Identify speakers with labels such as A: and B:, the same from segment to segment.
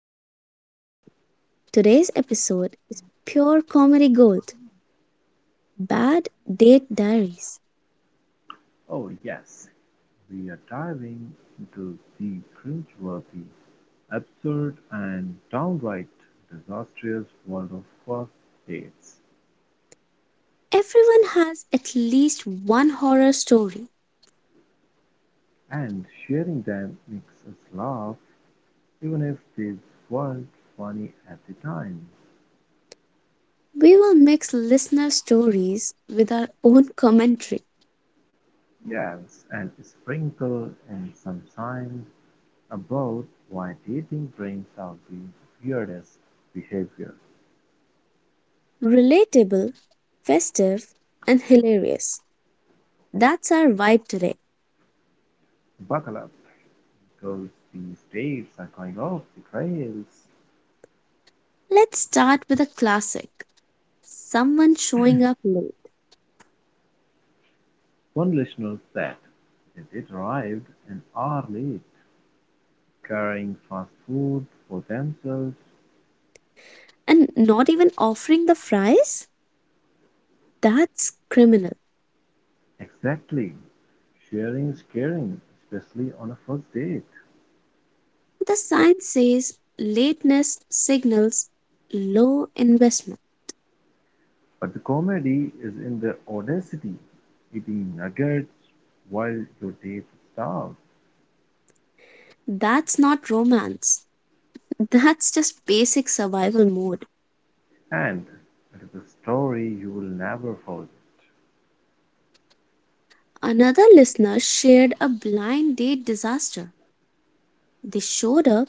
A: Perspectives. Today's episode is pure comedy gold, Bad Date Diaries.
B: Oh yes, we are diving into the cringeworthy, absurd and downright disastrous world of first dates,
A: Everyone has at least one horror story.
B: and sharing them makes us laugh even if they weren't funny at the time.
A: We will mix listener stories with our own commentary.
B: Yes, and sprinkle in some science about why dating brings out the weirdest behavior.
A: Relatable, festive, and hilarious. That's our vibe today.
B: Buckle up, because these dates are going off the trails.
A: Let's start with a classic, someone showing up late
B: One listener said they did arrive an hour late, carrying fast food for themselves.
A: and not even offering the fries? That's criminal.
B: Exactly. Sharing is caring, especially on a first date.
A: The sign says lateness signals low investment.
B: But the comedy is in the audacity, eating nuggets while your date is starved.
A: That's not romance. That's just basic survival mode.
B: And it is a story you will never forget.
A: Another listener shared a blind date disaster. They showed up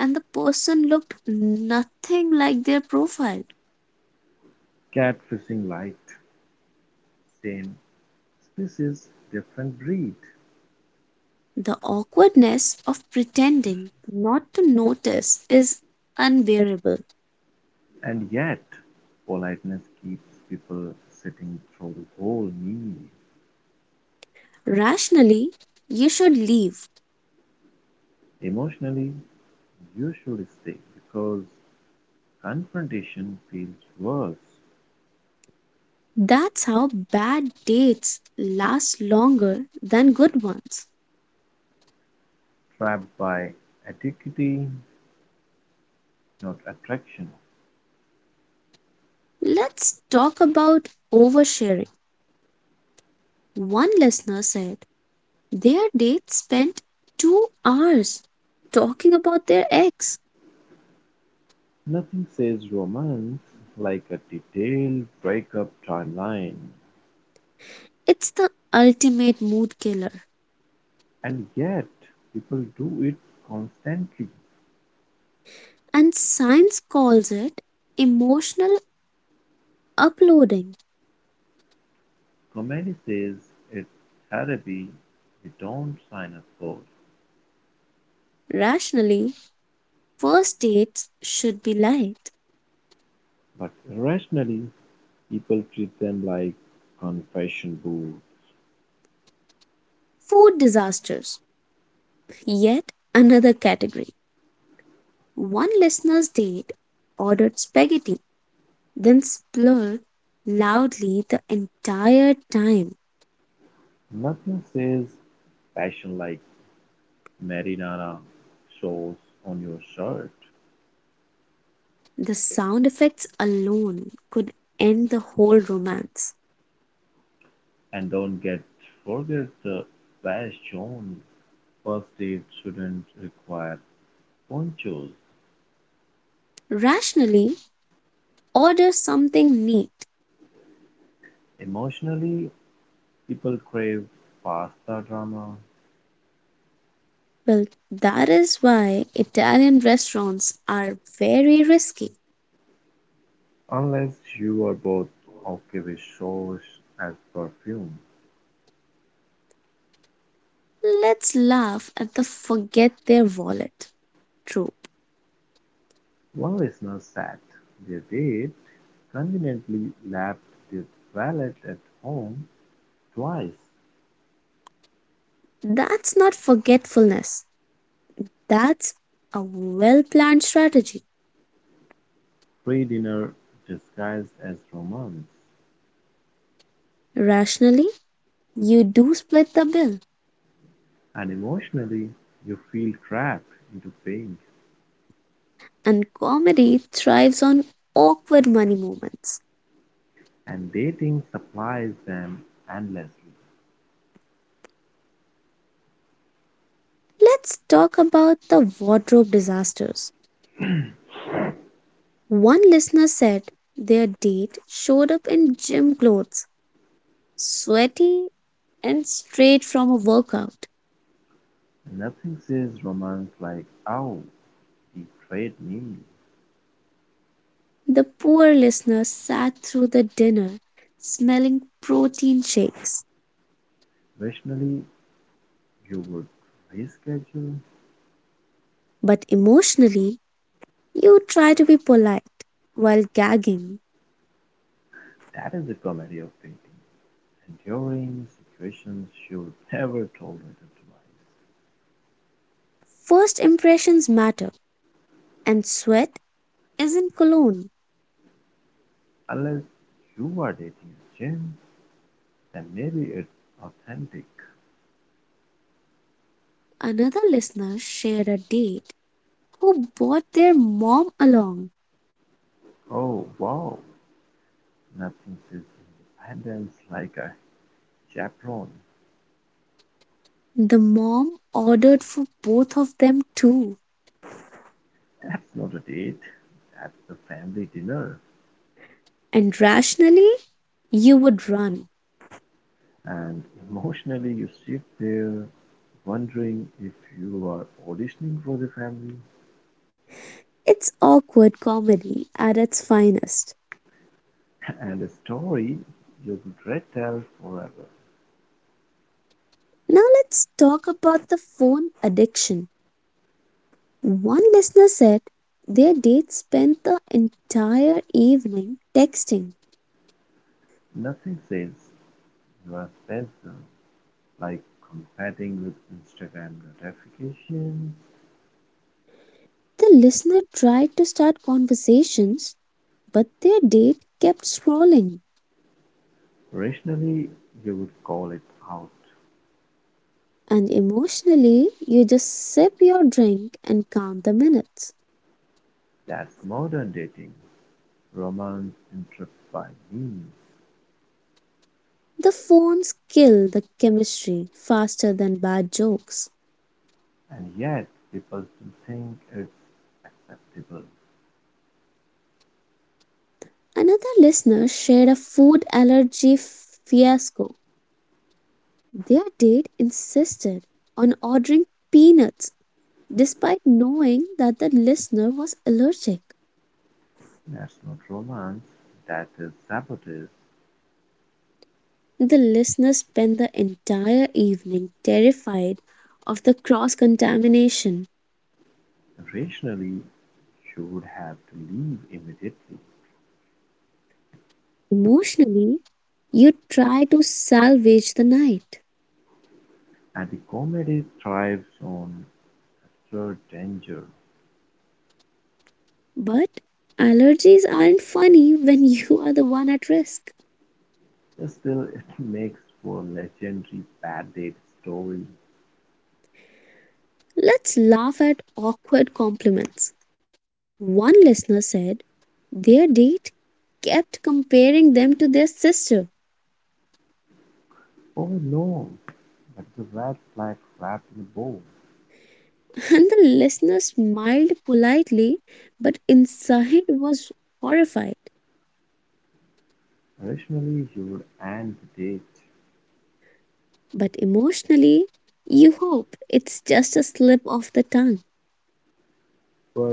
A: and the person looked nothing like their profile.
B: Catfishing light, same species, different breed.
A: The awkwardness of pretending not to notice is unbearable.
B: And yet, politeness keeps people sitting through the whole meal.
A: Rationally, you should leave.
B: Emotionally, you should stay because confrontation feels worse,
A: That's how bad dates last longer than good ones.
B: trapped by etiquette, not attraction.
A: Let's talk about oversharing. One listener said their date spent 2 hours talking about their ex.
B: Nothing says romance like a detailed breakup timeline.
A: It's the ultimate mood killer,
B: And yet, people do it constantly.
A: and science calls it emotional uploading.
B: Comedy says it's therapy you don't sign up for.
A: Rationally, first dates should be light.
B: But irrationally, people treat them like confession booth.
A: Food disasters, yet another category. One listener's date ordered spaghetti, then splurred loudly the entire time.
B: Nothing says passion like marinara sauce on your shirt.
A: The sound effects alone could end the whole romance.
B: And don't get forget the passion. First date shouldn't require ponchos.
A: Rationally, order something neat.
B: Emotionally, people crave pasta drama
A: Well, that is why Italian restaurants are very risky.
B: unless you are both okay with sauce as perfume.
A: Let's laugh at the forget their wallet trope.
B: One listener sat their date, conveniently lapped their wallet at home twice
A: That's not forgetfulness, that's a well planned strategy.
B: pre-dinner disguised as romance,
A: Rationally, you do split the bill,
B: and emotionally you feel trapped into paying
A: and comedy thrives on awkward money moments.
B: and dating supplies them endlessly.
A: Let's talk about the wardrobe disasters. One listener said their date showed up in gym clothes, sweaty and straight from a workout.
B: Nothing says romance like, oh, betrayed me.
A: The poor listener sat through the dinner smelling protein shakes.
B: Rationally, you would reschedule.
A: But emotionally, you try to be polite while gagging.
B: That is the comedy of dating. Enduring situations should never tolerate lies.
A: First impressions matter, and sweat is in Cologne.
B: Unless you are dating a gem, then maybe it's authentic.
A: Another listener shared a date who brought their mom along.
B: Oh wow, nothing says independence like a chaperone.
A: The mom ordered for both of them too,
B: That's not a date, that's a family dinner.
A: and rationally, you would run.
B: And emotionally, you sit there wondering if you are auditioning for the family
A: It's awkward comedy at its finest.
B: and a story you would retell forever.
A: Now let's talk about the phone addiction. One listener said their date spent the entire evening texting.
B: Nothing says you are special like competing with Instagram gratification.
A: The listener tried to start conversations, but their date kept scrolling.
B: Rationally, you would call it out.
A: And emotionally, you just sip your drink and count the minutes.
B: That's modern dating, romance interrupted by memes.
A: The phones kill the chemistry faster than bad jokes.
B: And yet, people still think it's acceptable.
A: Another listener shared a food allergy fiasco. Their date insisted on ordering peanuts despite knowing that the listener was allergic.
B: That's not romance, that is sabotage.
A: The listener spent the entire evening terrified of the cross contamination.
B: Rationally, you would have to leave immediately.
A: Emotionally, you try to salvage the night.
B: And the comedy thrives on absurd danger.
A: But allergies aren't funny when you are the one at risk.
B: Still, it makes for legendary bad date stories.
A: Let's laugh at awkward compliments. One listener said their date kept comparing them to their sister,
B: Oh no, but the red flag wrapped in a bow.
A: and the listener smiled politely, but inside was horrified.
B: Originally, you would end the date,
A: But emotionally, you hope it's just a slip of the tongue.
B: but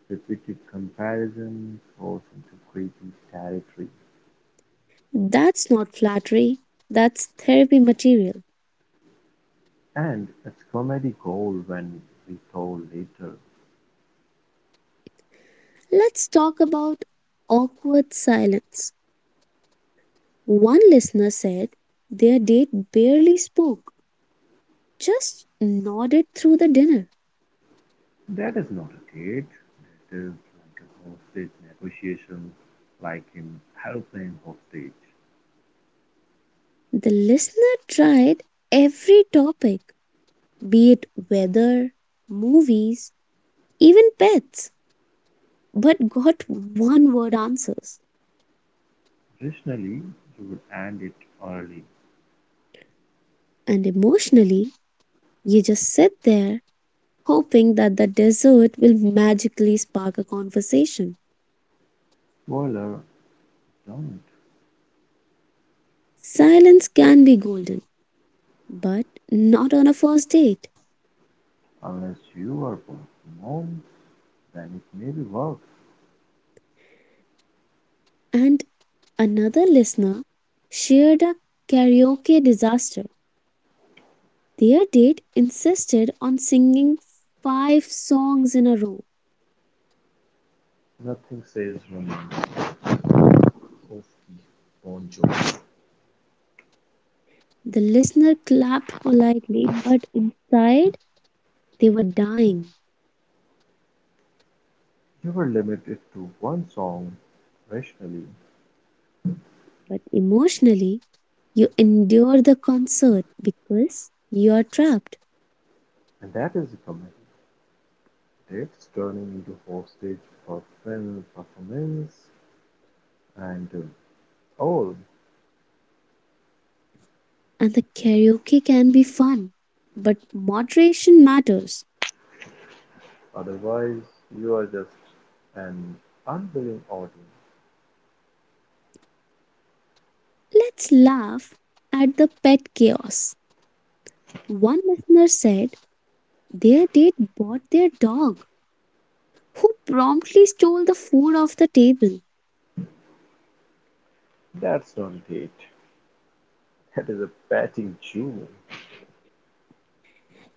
B: repeated comparison throws into creepy territory.
A: That's not flattery, that's therapy material.
B: And it's comedy gold when retold later.
A: Let's talk about awkward silence. One listener said their date barely spoke, just nodded through the dinner.
B: That is not a date. That is like a hostage negotiation, like in aeroplane hostage.
A: The listener tried every topic, be it weather, movies, even pets, but got one word answers.
B: Originally, you would end it early.
A: And emotionally, you just sit there hoping that the dessert will magically spark a conversation.
B: Spoiler: don't,
A: Silence can be golden, but not on a first date.
B: unless you are both mom, then it may be worse.
A: And another listener shared a karaoke disaster. Their date insisted on singing five songs in a row.
B: Nothing says romance of the Bon Jovi.
A: The listener clapped politely, but inside they were dying.
B: You were limited to one song, rationally,
A: But emotionally, you endure the concert because you are trapped.
B: and that is a commitment. Dates turning into hostage for film performance and all.
A: And the karaoke can be fun, but moderation matters.
B: Otherwise, you are just an unwilling audience.
A: Let's laugh at the pet chaos. One listener said their date bought their dog, who promptly stole the food off the table.
B: That's not a date. That is a petting chew.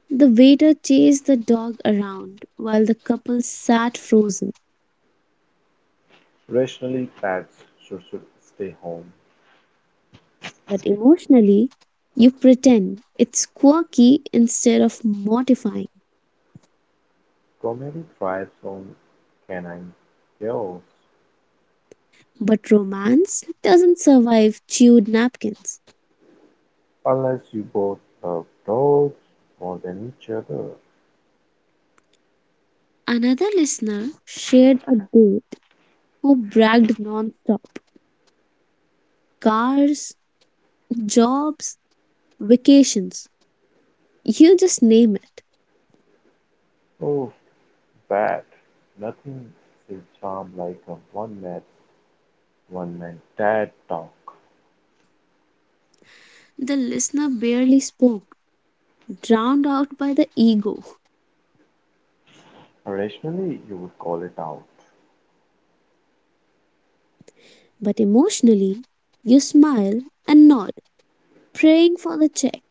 A: The waiter chased the dog around while the couple sat frozen.
B: Rationally, pets should stay home.
A: But emotionally, you pretend it's quirky instead of mortifying.
B: Comedy thrives on canine chaos.
A: But romance doesn't survive chewed napkins.
B: Unless you both love dogs more than each other.
A: Another listener shared a date who bragged non-stop. Cars, jobs, vacations. You just name it.
B: Oh, bad. Nothing is charm like a one night dad talk.
A: The listener barely spoke, drowned out by the ego.
B: Rationally, you would call it out.
A: But emotionally, you smile and nod, praying for the check.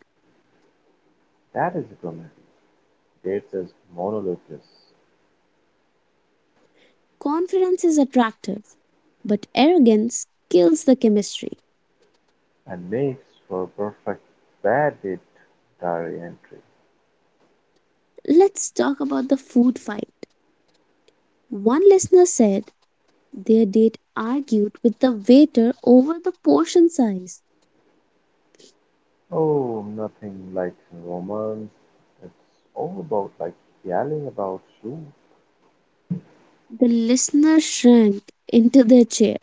B: That is a comedy. Dates as monologues
A: Confidence is attractive, but arrogance kills the chemistry.
B: and makes for a perfect bad date diary entry.
A: Let's talk about the food fight. One listener said their date argued with the waiter over the portion size.
B: Oh, nothing like romance. It's all about like yelling about you.
A: The listener shrank into their chair,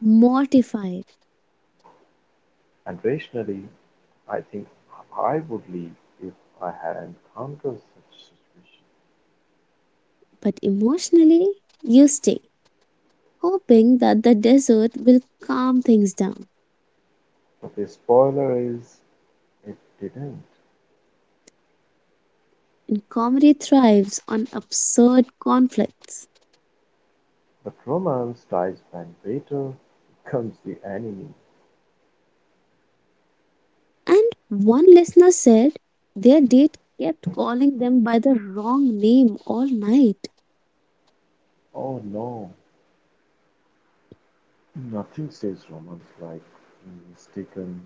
A: mortified.
B: And rationally, I think I would leave if I had encountered such a situation.
A: But emotionally, you stay, hoping that the desert will calm things down.
B: But the spoiler is, it didn't.
A: And comedy thrives on absurd conflicts.
B: But romance dies when waiter becomes the enemy.
A: And one listener said their date kept calling them by the wrong name all night.
B: Oh no, nothing says romance like mistaken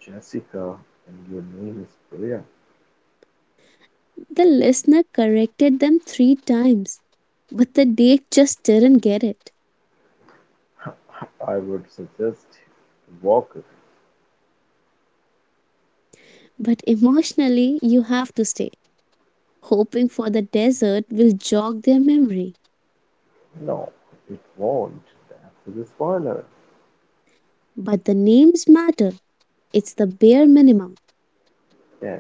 B: Jessica and your name is Priya.
A: The listener corrected them three times, but the date just didn't get it.
B: I would suggest Walker.
A: But emotionally, you have to stay, hoping for the desert will jog their memory.
B: No, it won't, that's the spoiler.
A: But the names matter, it's the bare minimum.
B: Yes,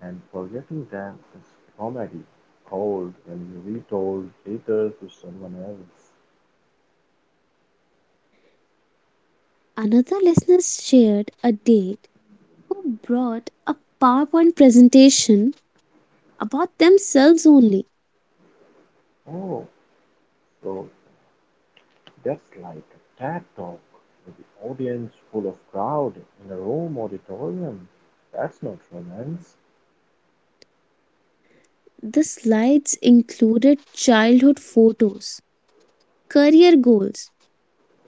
B: and forgetting them is comedy gold when you retold later to someone else.
A: Another listener shared a date who brought a PowerPoint presentation about themselves only.
B: Oh, so that's like a TED talk with the audience full of crowd in a room auditorium. That's not romance.
A: The slides included childhood photos, career goals,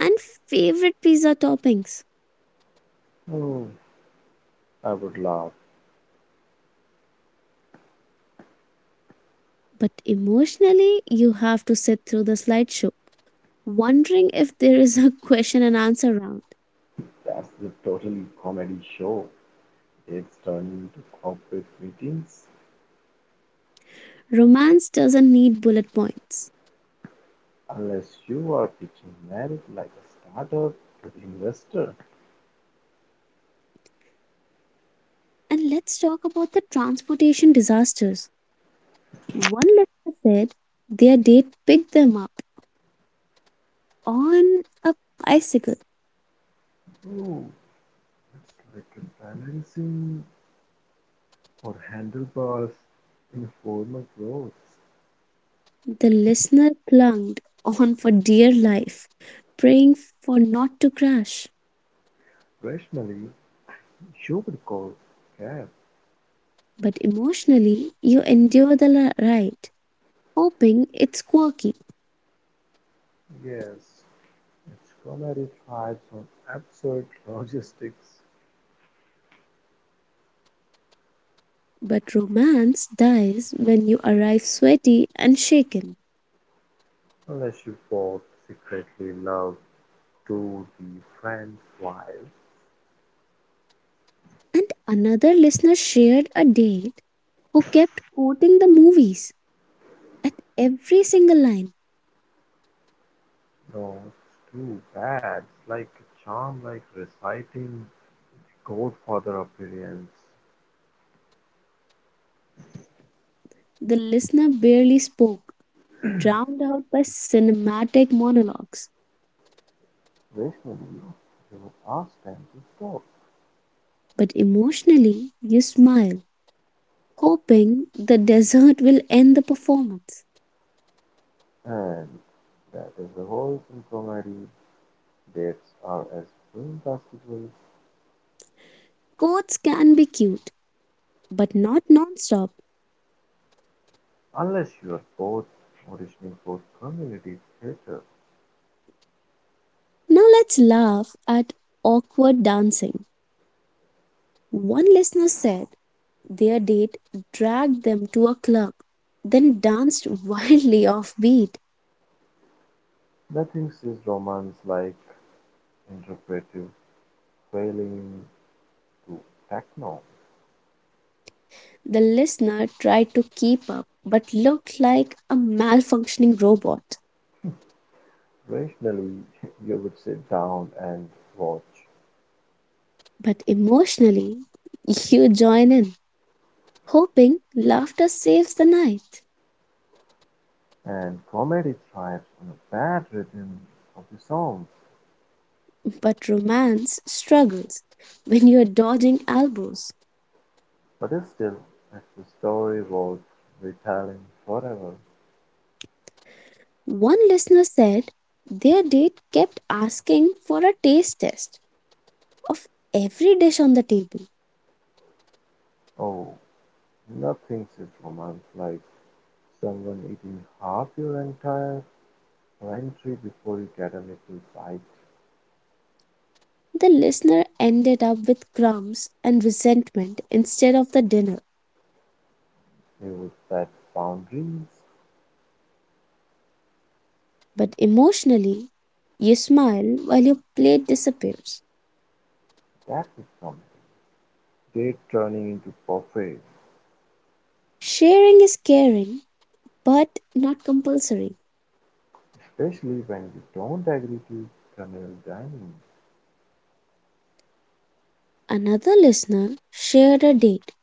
A: and favorite pizza toppings.
B: Oh, I would laugh.
A: But emotionally, you have to sit through the slideshow, wondering if there is a question and answer round.
B: That's the total comedy show. It's turning into corporate meetings.
A: Romance doesn't need bullet points.
B: Unless you are pitching merit like a startup to the investor.
A: And let's talk about the transportation disasters. One listener said their date picked them up on a bicycle.
B: Oh, it's like a balancing or handlebars in a formal clothes.
A: The listener clung on for dear life, praying for not to crash.
B: Rationally, you would call cab.
A: But emotionally, you endure the ride, hoping it's quirky.
B: Yes, its comedy thrives on absurd logistics.
A: But romance dies when you arrive sweaty and shaken.
B: Unless you both secretly love to be friend while.
A: And another listener shared a date who kept quoting the movies at every single line.
B: No, it's too bad. It's like a charm, like reciting Godfather appearance.
A: The listener barely spoke, drowned out by cinematic monologues.
B: Rationally, you would ask them to stop.
A: But emotionally, you smile, hoping the desert will end the performance.
B: And that is the whole in comedy. Dates are as film
A: Quotes can be cute, but not nonstop.
B: unless you are both auditioning for community theater.
A: Now let's laugh at awkward dancing. One listener said their date dragged them to a club, then danced wildly offbeat.
B: Nothing says romance like interpretive wailing to techno.
A: The listener tried to keep up, but looked like a malfunctioning robot.
B: Rationally, you would sit down and watch.
A: But emotionally, you join in, hoping laughter saves the night.
B: And comedy thrives on a bad rhythm of the song.
A: But romance struggles when you're dodging elbows.
B: But still, it's the story was retelling forever.
A: One listener said their date kept asking for a taste test of every dish on the table.
B: Oh, nothing says romance like someone eating half your entire pantry before you get a little bite.
A: The listener ended up with crumbs and resentment instead of the dinner.
B: They would set boundaries.
A: But emotionally, you smile while your plate disappears.
B: That is something. Date turning into buffets,
A: Sharing is caring, but not compulsory.
B: especially when you don't agree to communal dining.
A: Another listener shared a date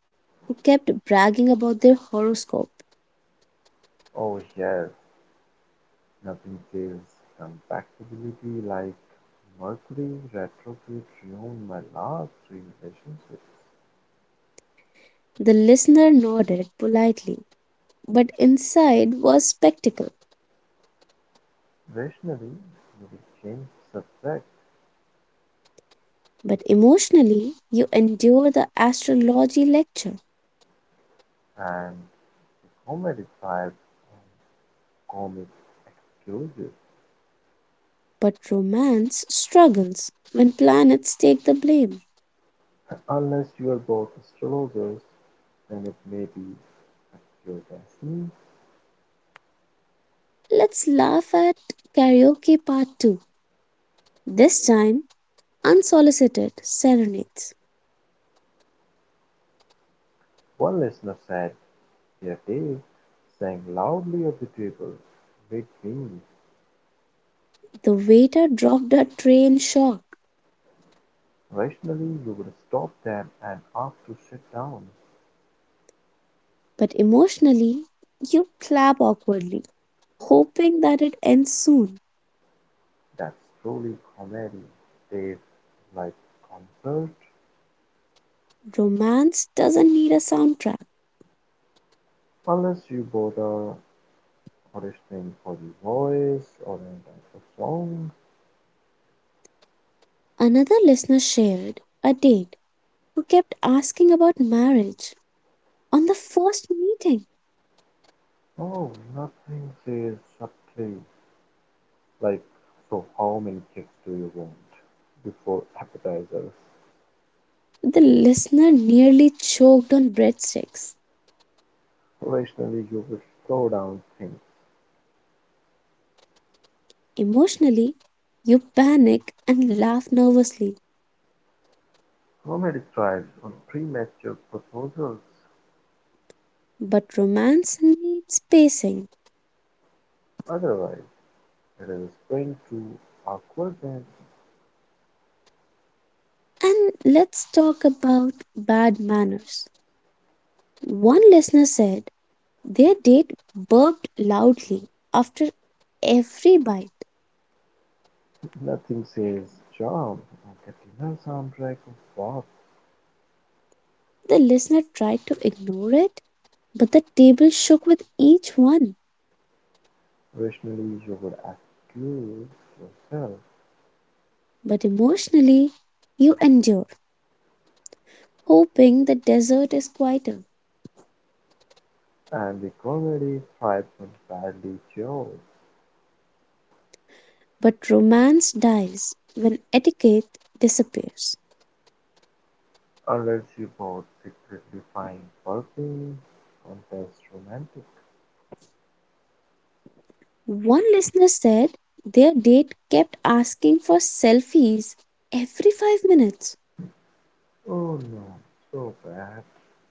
A: who kept bragging about their horoscope.
B: Oh yes, nothing says compatibility like Mercury retrograde ruined my last three relationships.
A: The listener nodded politely, but inside was spectacle.
B: Rationally, we will change subject
A: But emotionally, you endure the astrology lecture,
B: and the comedic vibe and comic excuses.
A: but romance struggles when planets take the blame.
B: Unless you are both astrologers, then it may be a pure destiny.
A: Let's laugh at karaoke part 2. This time, unsolicited serenades.
B: One listener said their day sang loudly at the table, with wings.
A: The waiter dropped a tray in shock,
B: Rationally you would stop them and ask to shut down.
A: but emotionally, you clap awkwardly, hoping that it ends soon.
B: That's truly comedy. Tastes like concert.
A: Romance doesn't need a soundtrack.
B: Unless you both are auditioning for the voice or any type of song.
A: Another listener shared a date who kept asking about marriage on the first meeting.
B: Oh, nothing says subtly like, so how many kicks do you want before appetizers?
A: The listener nearly choked on breadsticks.
B: Rationally you would slow down things.
A: Emotionally, you panic and laugh nervously,
B: Comedy thrives on premature proposals.
A: but romance needs pacing.
B: Otherwise, let us bring to awkward and
A: And let's talk about bad manners. One listener said their date burped loudly after every bite.
B: nothing says charm like a dinner soundtrack of pop.
A: The listener tried to ignore it, but the table shook with each one.
B: Originally, you would accuse yourself,
A: But emotionally, you endure, hoping the desert is quieter.
B: and the comedy thrives on badly jokes,
A: But romance dies when etiquette disappears.
B: unless you both secretly find burping contest romantic.
A: One listener said their date kept asking for selfies every 5 minutes.
B: Oh no, so bad.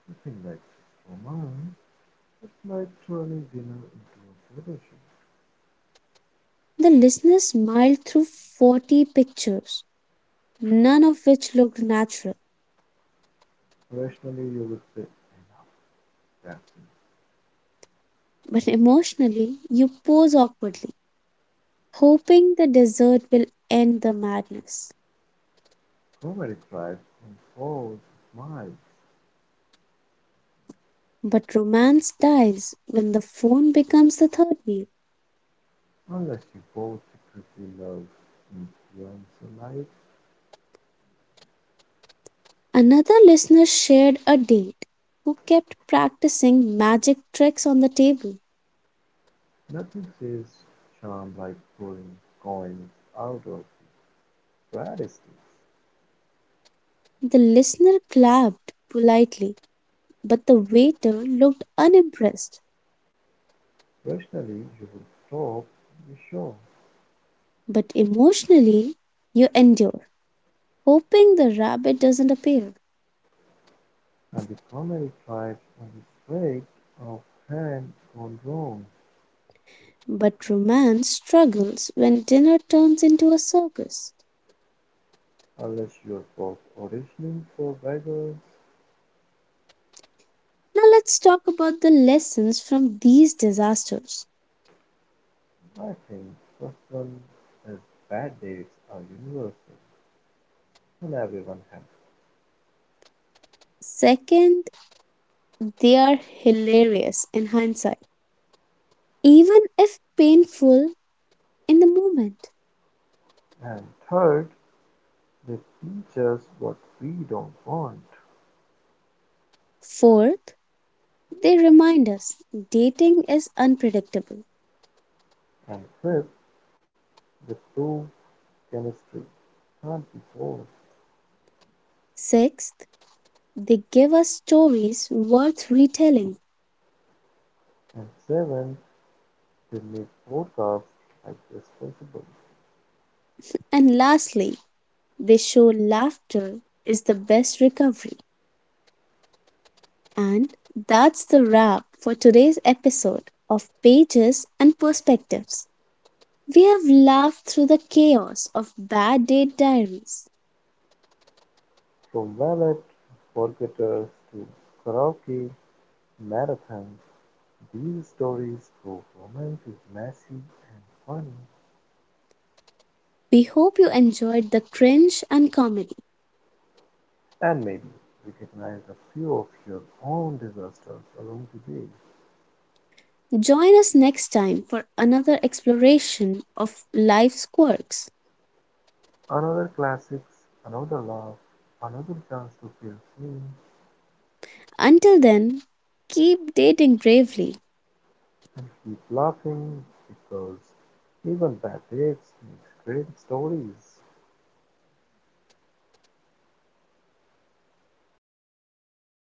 B: Nothing like this romance. It's like turning dinner into a photo shoot.
A: The listener smiled through 40 pictures, none of which looked natural.
B: Rationally, you would say, enough, that's enough.
A: But emotionally, you pose awkwardly, hoping the dessert will end the madness.
B: Nobody drives on forward miles
A: But romance dies when the phone becomes the third wheel.
B: unless you both secretly love influenza-like.
A: Another listener shared a date who kept practicing magic tricks on the table.
B: Nothing says charm like pulling coins out of the breadsticks.
A: The listener clapped politely, but the waiter looked unimpressed.
B: Rationally, you would stop the show,
A: But emotionally, you endure, hoping the rabbit doesn't appear.
B: and the comedy thrives on the strength of hand gone wrong.
A: But romance struggles when dinner turns into a circus.
B: Unless you're both auditioning for beggars,
A: Now, let's talk about the lessons from these disasters.
B: I think first one is bad dates are universal, and everyone has.
A: Second, they are hilarious in hindsight, even if painful in the moment.
B: And third, they teach us what we don't want.
A: Fourth, they remind us dating is unpredictable.
B: And fifth, they prove chemistry can't be forced.
A: Sixth, they give us stories worth retelling.
B: And seven, they make podcasts like this possible.
A: And lastly, they show laughter is the best recovery. And that's the wrap for today's episode of Pages and Perspectives. We have laughed through the chaos of bad date diaries.
B: From Wallet, Forgetters to Karaoke, Marathons, these stories prove romance is messy and funny.
A: We hope you enjoyed the cringe and comedy.
B: And maybe recognize a few of your own disasters along the way.
A: Join us next time for another exploration of life's quirks.
B: Another classics, another laugh, another chance to feel seen
A: Until then, keep dating bravely.
B: and keep laughing because even bad dates make great stories.